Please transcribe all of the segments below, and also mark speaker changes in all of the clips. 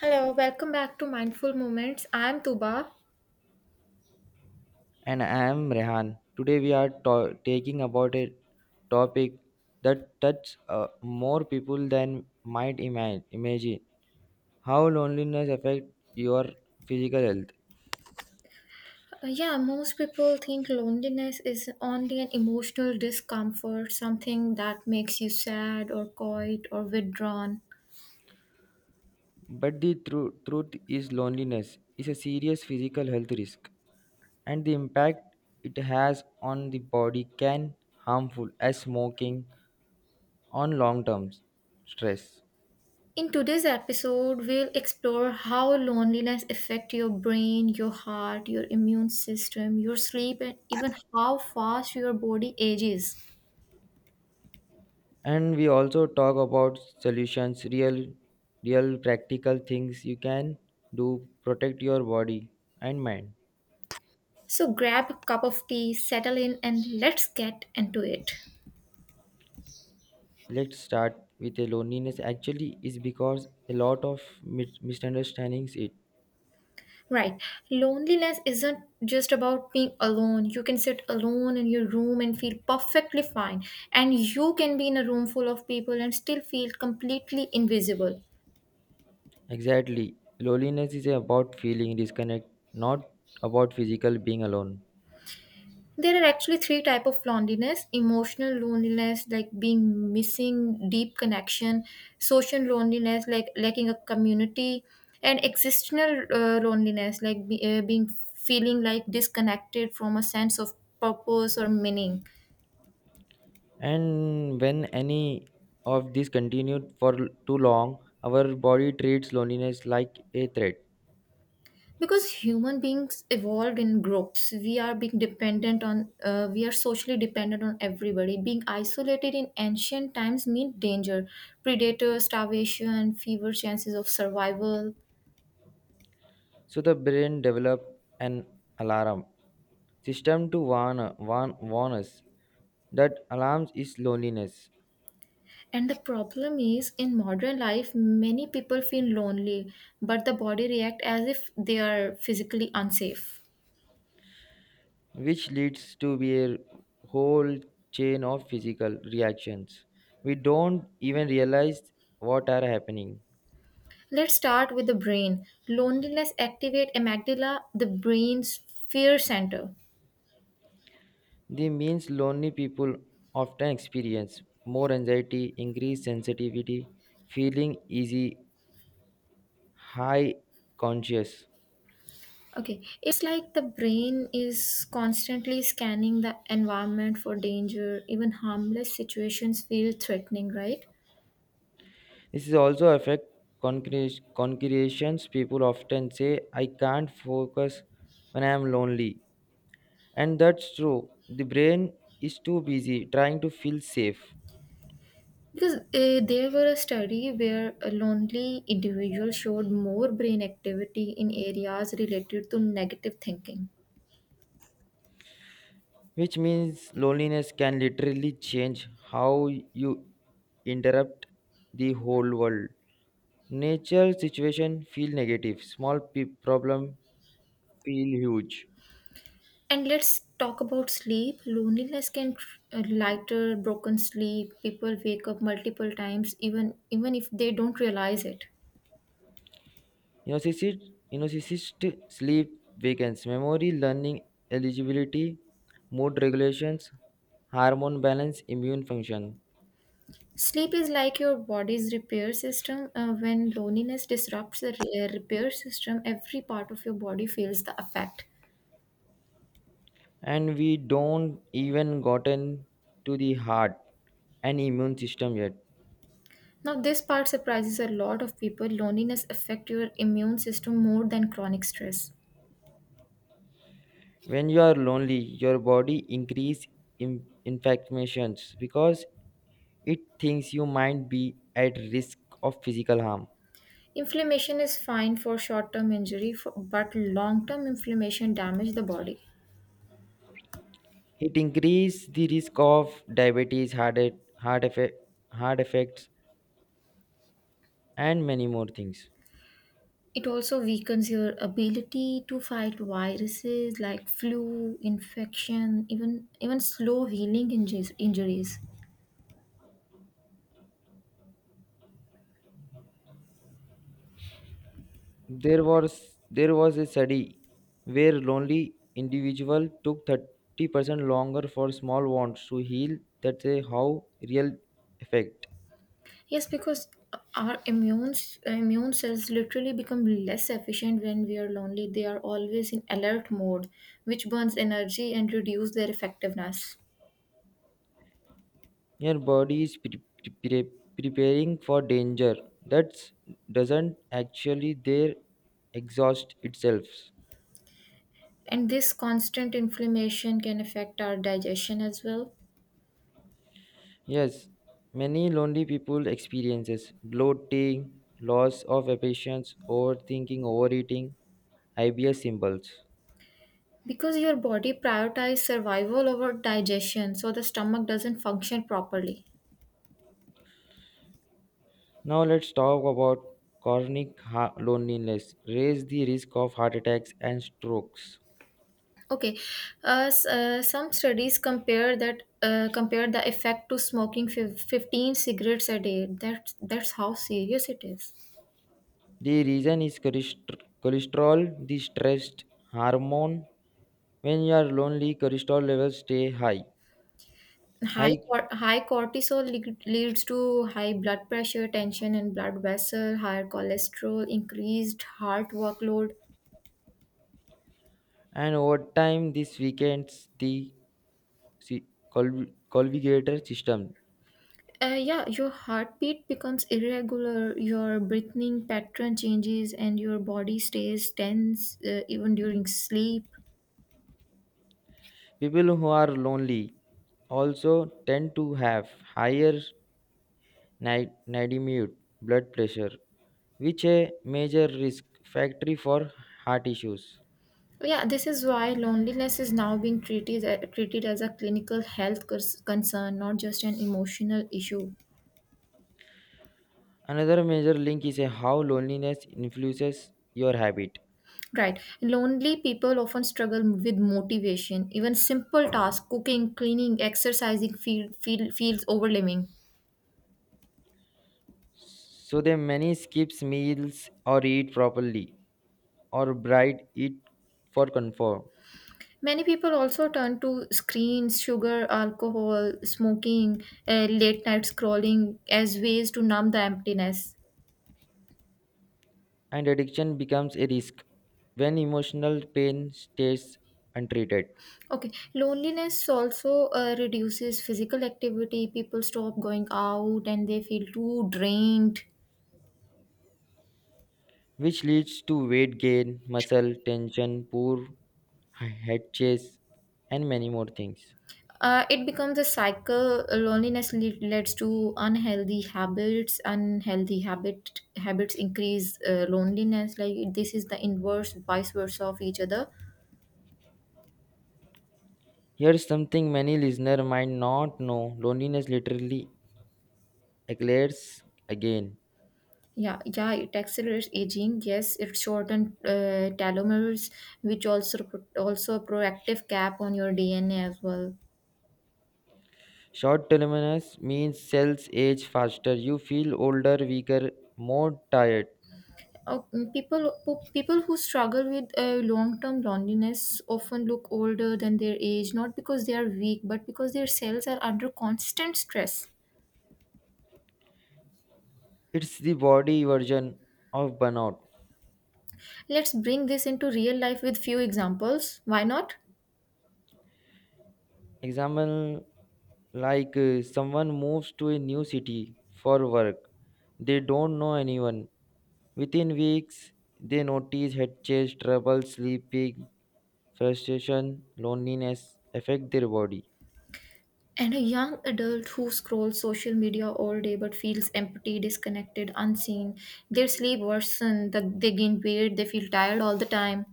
Speaker 1: Hello, welcome back to Mindful Moments. I'm Tuba.
Speaker 2: And I am Rehan. Today we are taking about a topic that touches more people than might imagine. How loneliness affects your physical health.
Speaker 1: Yeah, most people think loneliness is only an emotional discomfort, something that makes you sad or quiet or withdrawn.
Speaker 2: But the truth is loneliness is a serious physical health risk, and the impact it has on the body can harmful as smoking on long term stress.
Speaker 1: In today's episode, we'll explore how loneliness affects your brain, your heart, your immune system, your sleep, and even how fast your body ages.
Speaker 2: And we also talk about solutions, real practical things you can do protect your body and mind.
Speaker 1: So grab a cup of tea, settle in, and let's get into it.
Speaker 2: Let's start with a loneliness actually is because a lot of misunderstandings it.
Speaker 1: Right. Loneliness isn't just about being alone. You can sit alone in your room and feel perfectly fine. And you can be in a room full of people and still feel completely invisible.
Speaker 2: Exactly, loneliness is about feeling disconnect, not about physical being alone.
Speaker 1: There are actually three type of loneliness: emotional loneliness, like being missing deep connection; social loneliness, like lacking a community; and existential loneliness, like being feeling like disconnected from a sense of purpose or meaning.
Speaker 2: And when any of this continued for too long, our body treats loneliness like a threat.
Speaker 1: Because human beings evolved in groups, we are being dependent on we are socially dependent on everybody. Being isolated in ancient times meant danger, predator, starvation, fewer chances of survival.
Speaker 2: So the brain develop an alarm system to warn us. That alarms is loneliness,
Speaker 1: And the problem is in modern life many people feel lonely, but the body react as if they are physically unsafe.
Speaker 2: which leads to be a whole chain of physical reactions. We don't even realize what are happening.
Speaker 1: Let's start with the brain. Loneliness activate amygdala, the brain's fear center.
Speaker 2: The means lonely people often experience more anxiety, increased sensitivity, feeling easy, high conscious.
Speaker 1: Okay, it's like the brain is constantly scanning the environment for danger, even harmless situations feel threatening, right?
Speaker 2: This is also affect concretions. People often say, "I can't focus when I am lonely." And that's true. The brain is too busy trying to feel safe,
Speaker 1: Because there were a study where a lonely individual showed more brain activity in areas related to negative thinking.
Speaker 2: which means loneliness can literally change how you interrupt the whole world. Nature situation feel negative. Small problem feel huge.
Speaker 1: And let's talk about sleep. Loneliness can lighter broken sleep. People wake up multiple times, even if they don't realize it.
Speaker 2: Narcissist sleep weakens memory, learning, eligibility, mood regulations, hormone balance, immune function.
Speaker 1: Sleep is like your body's repair system. When loneliness disrupts the repair system, every part of your body feels the effect.
Speaker 2: And we don't even gotten to the heart and immune system yet.
Speaker 1: Now, this part surprises a lot of people. Loneliness affects your immune system more than chronic stress.
Speaker 2: When you are lonely, your body increase infections because it thinks you might be at risk of physical harm.
Speaker 1: Inflammation is fine for short-term injury, for, but long-term inflammation damages the body.
Speaker 2: It increase the risk of diabetes heart, heart, effect, heart effects, and many more things.
Speaker 1: It also weakens your ability to fight viruses like flu, infection, even slow healing injuries.
Speaker 2: There was a study where lonely individual took 30% longer for small wounds to heal. That's a how real effect.
Speaker 1: Yes, because our immune cells literally become less efficient when we are lonely. They are always in alert mode, which burns energy and reduce their effectiveness.
Speaker 2: Your body is preparing for danger. That doesn't actually there exhaust itself.
Speaker 1: And this constant inflammation can affect our digestion as well.
Speaker 2: Yes, many lonely people experiences bloating, loss of patience, overthinking, overeating, IBS symbols.
Speaker 1: Because your body prioritizes survival over digestion, so the stomach doesn't function properly.
Speaker 2: Now let's talk about chronic loneliness, raise the risk of heart attacks and strokes.
Speaker 1: Okay, some studies compare that compare the effect to smoking 15 cigarettes a day. That's how serious it is.
Speaker 2: The reason is cholesterol, the stress hormone. When you are lonely, cholesterol levels stay high,
Speaker 1: High,
Speaker 2: high,
Speaker 1: high cortisol leads to high blood pressure, tension in blood vessel, higher cholesterol, increased heart workload.
Speaker 2: and over time this weakens the si- culvigator system.
Speaker 1: Yeah, your heartbeat becomes irregular, your breathing pattern changes, and your body stays tense even during sleep.
Speaker 2: People who are lonely also tend to have higher Nadimute, blood pressure, which a major risk factor for heart issues.
Speaker 1: Yeah, this is why loneliness is now being treated treated as a clinical health concern, not just an emotional issue.
Speaker 2: Another major link is a how loneliness influences your habit.
Speaker 1: Right. Lonely people often struggle with motivation. Even simple tasks, cooking, cleaning, exercising, feels overwhelming.
Speaker 2: So they many skips meals or eat properly or bright eat for comfort,
Speaker 1: Many people also turn to screens, sugar, alcohol, smoking, late night scrolling as ways to numb the emptiness.
Speaker 2: and addiction becomes a risk when emotional pain stays untreated,
Speaker 1: Okay, loneliness also reduces physical activity. People stop going out and they feel too drained.
Speaker 2: which leads to weight gain, muscle tension, poor head chase, and many more things.
Speaker 1: It becomes a cycle. Loneliness leads to unhealthy habits. Unhealthy habits increase loneliness. Like this is the inverse, vice versa of each other.
Speaker 2: Here's something many listener might not know. Loneliness literally eclairs again.
Speaker 1: Yeah. It accelerates aging. Yes, it shortens telomeres, which also a proactive cap on your DNA as well.
Speaker 2: Short terminus means cells age faster. You feel older, weaker, more tired.
Speaker 1: Oh, people people who struggle with long-term loneliness often look older than their age, not because they are weak, but because their cells are under constant stress.
Speaker 2: It's the body version of burnout.
Speaker 1: Let's bring this into real life with few examples. Why not?
Speaker 2: Example like someone moves to a new city for work, they don't know anyone. Within weeks, they notice head chase, trouble sleeping, frustration, loneliness affect their body.
Speaker 1: And a young adult who scrolls social media all day but feels empty, disconnected, unseen. Their sleep worsens, they gain weight, they feel tired all the time.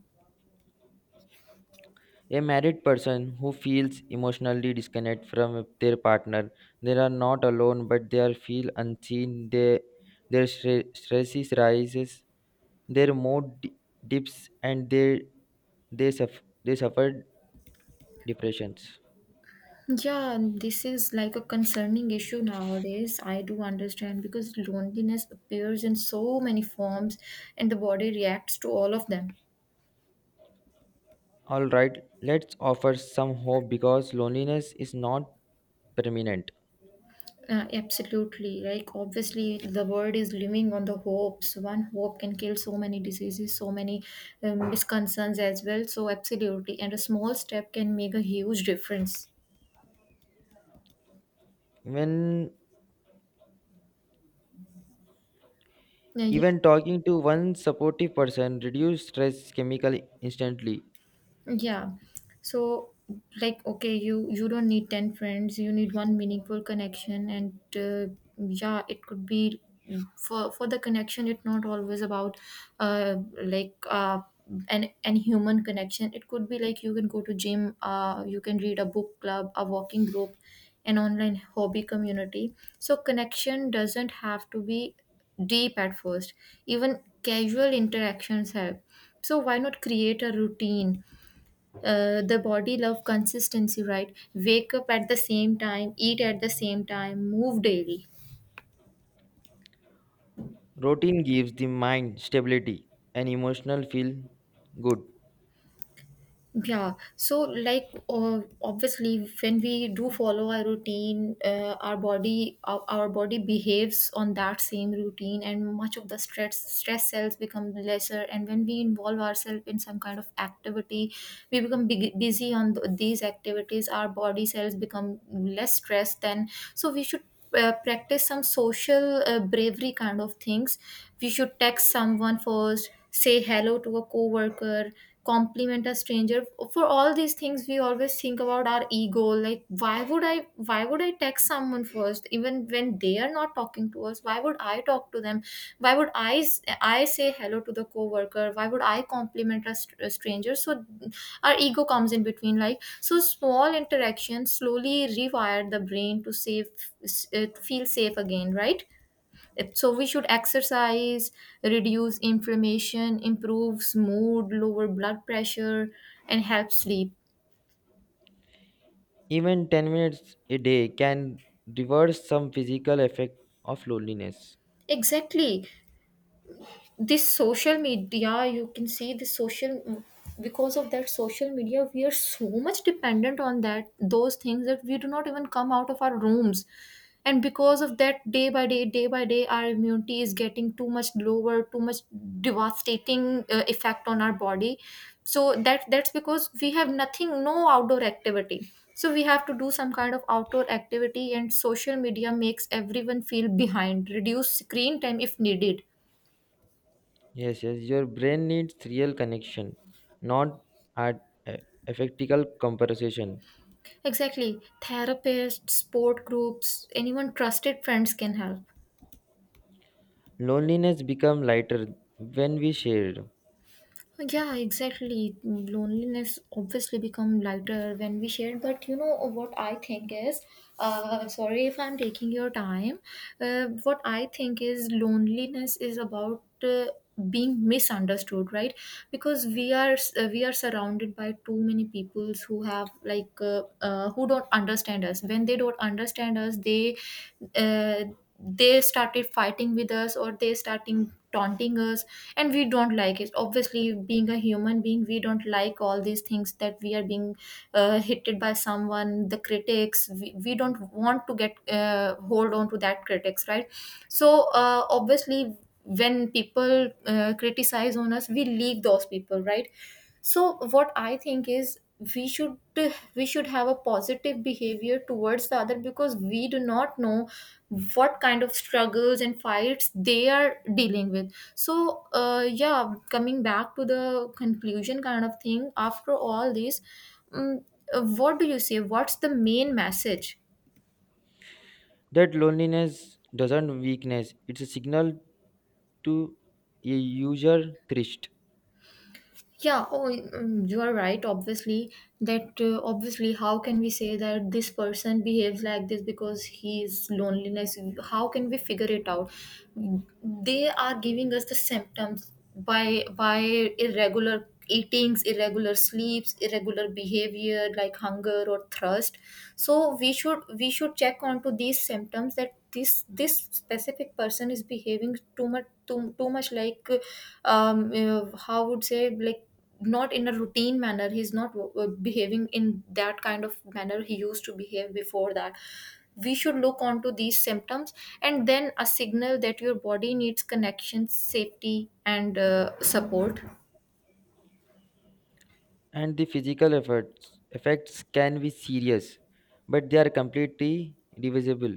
Speaker 2: A married person who feels emotionally disconnected from their partner, they are not alone, but they are feel unseen. They, their stresses rises, their mood dips, and they suffer depressions.
Speaker 1: Yeah, this is like a concerning issue nowadays. I do understand because loneliness appears in so many forms and the body reacts to all of them.
Speaker 2: All right, let's offer some hope because loneliness is not permanent.
Speaker 1: Absolutely. Like, obviously, the world is living on the hopes. One hope can kill so many diseases, so many misconcerns as well. So, absolutely. And a small step can make a huge difference.
Speaker 2: When
Speaker 1: Uh, Yeah,
Speaker 2: even talking to one supportive person reduce stress chemical instantly.
Speaker 1: Yeah. So, like, okay, you don't need 10 friends, you need one meaningful connection, and yeah, it could be, for the connection, it's not always about uh like uh an human connection. It could be like you can go to gym, you can read a book club, a walking group, an online hobby community. So connection doesn't have to be deep at first, even casual interactions help. So why not create a routine? The body love consistency, right? Wake up at the same time, eat at the same time, move daily.
Speaker 2: Routine gives the mind stability and emotional feel good.
Speaker 1: Yeah, so obviously when we do follow our routine, our body behaves on that same routine, and much of the stress cells become lesser, and when we involve ourselves in some kind of activity, we become big, busy on these activities, our body cells become less stressed then. So we should practice some social bravery kind of things. We should text someone first, say hello to a coworker, compliment a stranger. For all these things we always think about our ego, like why would I text someone first even when they are not talking to us? Why would I talk to them? Why would I say hello to the coworker? Why would I compliment a stranger? So our ego comes in between. Like so small interactions slowly rewire the brain to to feel safe again, right? So we should exercise, reduce inflammation, improves mood, lower blood pressure, and help sleep.
Speaker 2: Even 10 minutes a day can reverse some physical effect of loneliness.
Speaker 1: Exactly. This social media, you can see the social, because of that social media we are so much dependent on that, those things, that we do not even come out of our rooms, and because of that, day by day, our immunity is getting too much lower, too much devastating effect on our body. So that's because we have nothing, no outdoor activity. So we have to do some kind of outdoor activity, and social media makes everyone feel behind. Reduce screen time if needed.
Speaker 2: Yes, yes, your brain needs real connection, not art, eh, effectical comparison.
Speaker 1: Exactly. Therapists, sport groups, anyone, trusted friends can help.
Speaker 2: Loneliness become lighter when we shared.
Speaker 1: Yeah, exactly. Loneliness obviously become lighter when we share. But you know what I think is, sorry if I'm taking your time. What I think is loneliness is about being misunderstood, right? Because we are, we are surrounded by too many peoples who have who don't understand us. When they don't understand us, they, uh, they started fighting with us, or they starting taunting us, and we don't like it. Obviously, being a human being, we don't like all these things that we are being hitted by someone, the critics. We don't want to get hold on to that critics, right? So, obviously, when people criticize on us, we leave those people, right? So what I think is, we should we should have a positive behavior towards the other, because we do not know what kind of struggles and fights they are dealing with. So, yeah, coming back to the conclusion kind of thing, after all this, um, what do you say, what's the main message?
Speaker 2: That loneliness doesn't weakness, it's a signal to a user thirst.
Speaker 1: Yeah, you are right. Obviously, that obviously, how can we say that this person behaves like this because he is loneliness? How can we figure it out? They are giving us the symptoms by irregular eatings, irregular sleeps, irregular behavior like hunger or thirst. So we should check onto these symptoms, that this specific person is behaving too much, too much like how would say, like, not in a routine manner, he's not behaving in that kind of manner he used to behave before that. We should look onto these symptoms, and then a signal that your body needs connection, safety, and support.
Speaker 2: And the physical efforts effects can be serious, but they are completely divisible.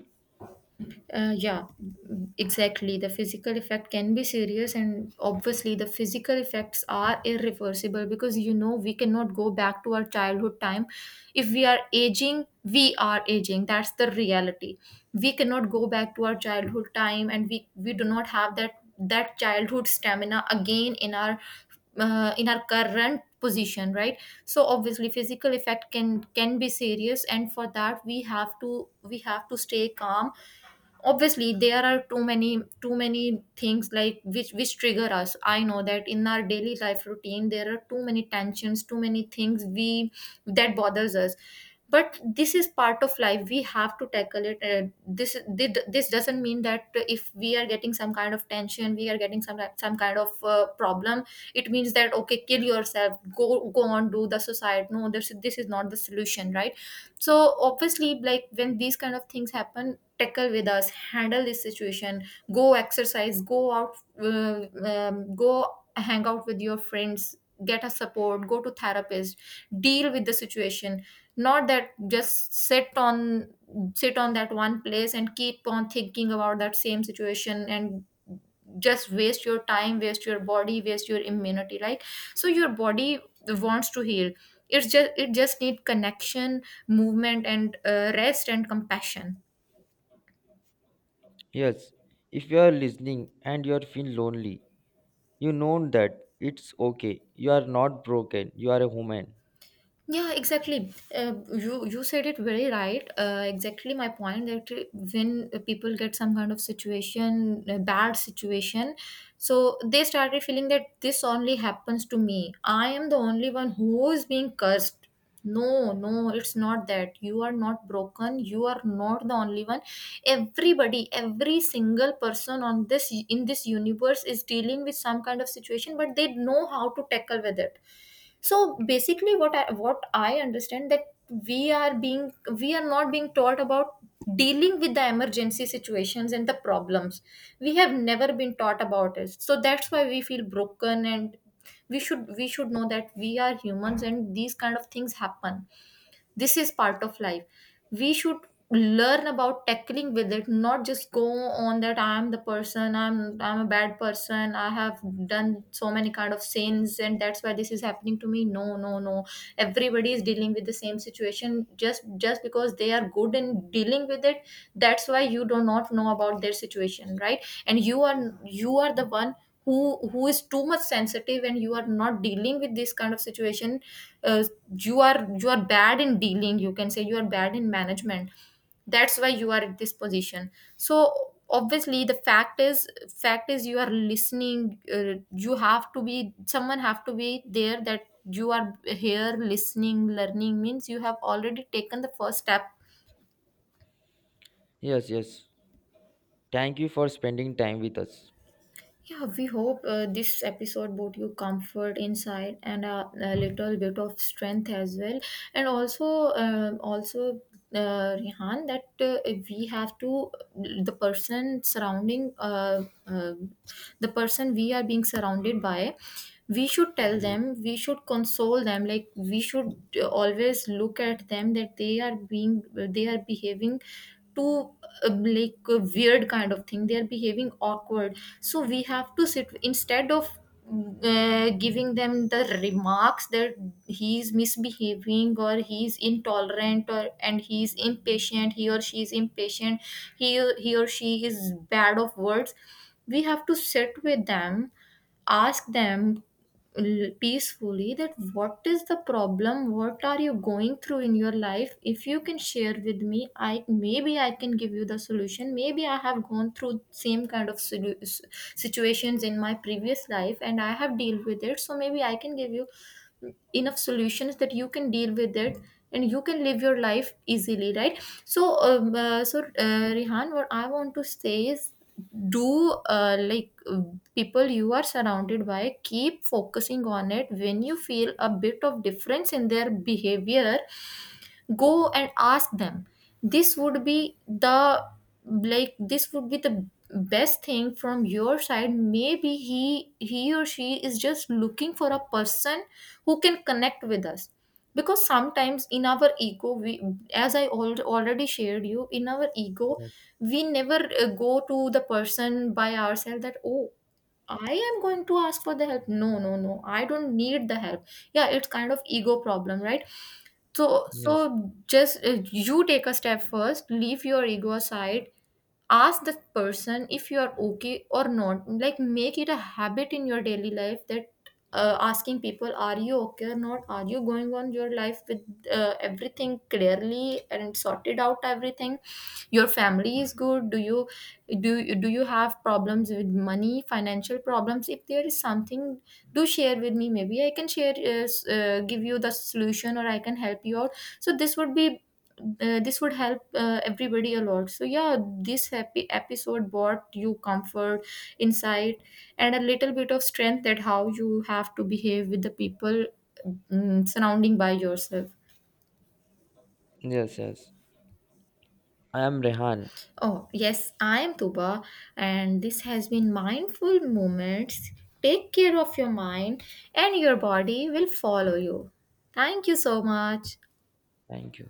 Speaker 1: Uh, yeah, exactly. The physical effect can be serious, and obviously, the physical effects are irreversible because you know we cannot go back to our childhood time. If we are aging, we are aging. That's the reality. We cannot go back to our childhood time, and we do not have that childhood stamina again in our current position, right? So obviously, physical effect can be serious, and for that we have to stay calm. Obviously, there are too many things, like which trigger us. I know that in our daily life routine there are too many tensions, too many things we that bothers us, but this is part of life. We have to tackle it. This doesn't mean that if we are getting some kind of tension, we are getting some kind of problem. It means that, okay, kill yourself, go on, do the suicide. No, this is not the solution, right? So obviously, like, when these kind of things happen, tackle with us, handle this situation. Go exercise, go out. uh, Go hang out with your friends, get a support, go to therapist, deal with the situation. Not that just sit on, sit on that one place and keep on thinking about that same situation, and just waste your time, waste your body, waste your immunity, like. So your body wants to heal. It just need connection, movement, and rest and compassion.
Speaker 2: Yes, if you are listening and you are feel lonely, you know that it's okay. You are not broken, you are a human.
Speaker 1: Yeah, exactly. You said it very right. Exactly my point, that when people get some kind of situation, a bad situation, so they started feeling that this only happens to me. I am the only one who is being cursed. No, no, it's not that. You are not broken. You are not the only one. Everybody, every single person on this in this universe is dealing with some kind of situation, but they know how to tackle with it. So basically, what I understand, that we are being we are not being taught about dealing with the emergency situations and the problems. We have never been taught about it, so that's why we feel broken, and we should know that we are humans and these kind of things happen. This is part of life. We should learn about tackling with it, not just go on that, I'm the person, I'm a bad person, I have done so many kind of sins and that's why this is happening to me. No, no, no, everybody is dealing with the same situation, just because they are good in dealing with it. That's why you do not know about their situation, right? And you are the one who is too much sensitive, and you are not dealing with this kind of situation. uh, you are bad in dealing, you can say you are bad in management. That's why you are at this position. So obviously the fact is, fact is, you are listening. You have to be someone, have to be there, that you are here listening, learning, means you have already taken the first step.
Speaker 2: Yes, yes, thank you for spending time with us.
Speaker 1: Yeah, we hope this episode brought you comfort, insight, and a little bit of strength as well. And also, also, Rihan, that we have to, the person surrounding, the person we are being surrounded by. We should tell
Speaker 2: yes
Speaker 1: them, we should console them. Like, we should always look at them, that they are being, they are behaving too like a weird kind of thing, they are behaving awkward. So we have to sit instead of giving them the remarks that he's misbehaving, or he's intolerant, or and he's impatient, he or she is impatient, he he or she is bad of words. We have to sit with them, ask them, peacefully, that what is the problem, what are you going through in your life. If you can share with me, I maybe I can give you the solution. Maybe I have gone through same kind of situations in my previous life, and I have dealt with it, so maybe I can give you enough solutions that you can deal with it, and you can live your life easily, right? So Rihan, what I want to say is, do uh, like uh, people you are surrounded by, keep focusing on it. When you feel a bit of difference in their behavior, go and ask them. This would be the, like, this would be the best thing from your side. Maybe he or she is just looking for a person who can connect with us, because sometimes in our ego, we, as I already shared you, in our ego
Speaker 2: yes
Speaker 1: we never go to the person by ourselves that, oh, I am going to ask for the help. No, no, no, I don't need the help. Yeah, it's kind of ego problem, right? so,
Speaker 2: yes
Speaker 1: so just you take a step first, leave your ego aside, ask the person if you are okay or not. Like, make it a habit in your daily life that asking people, are you okay or not? Are you going on your life with everything clearly and sorted out everything? Your family is good? Do you do you have problems with money, financial problems? If there is something, do share with me, maybe I can share give you the solution, or I can help you out. So this would be this would help everybody a lot. So yeah, this happy episode brought you comfort, insight, and a little bit of strength, that how you have to behave with the people, surrounding by yourself.
Speaker 2: yes yes I am Rehan.
Speaker 1: Oh, yes, I am Tuba, and this has been Mindful Moments. Take care of your mind, and your body will follow you. Thank you so much.
Speaker 2: Thank you.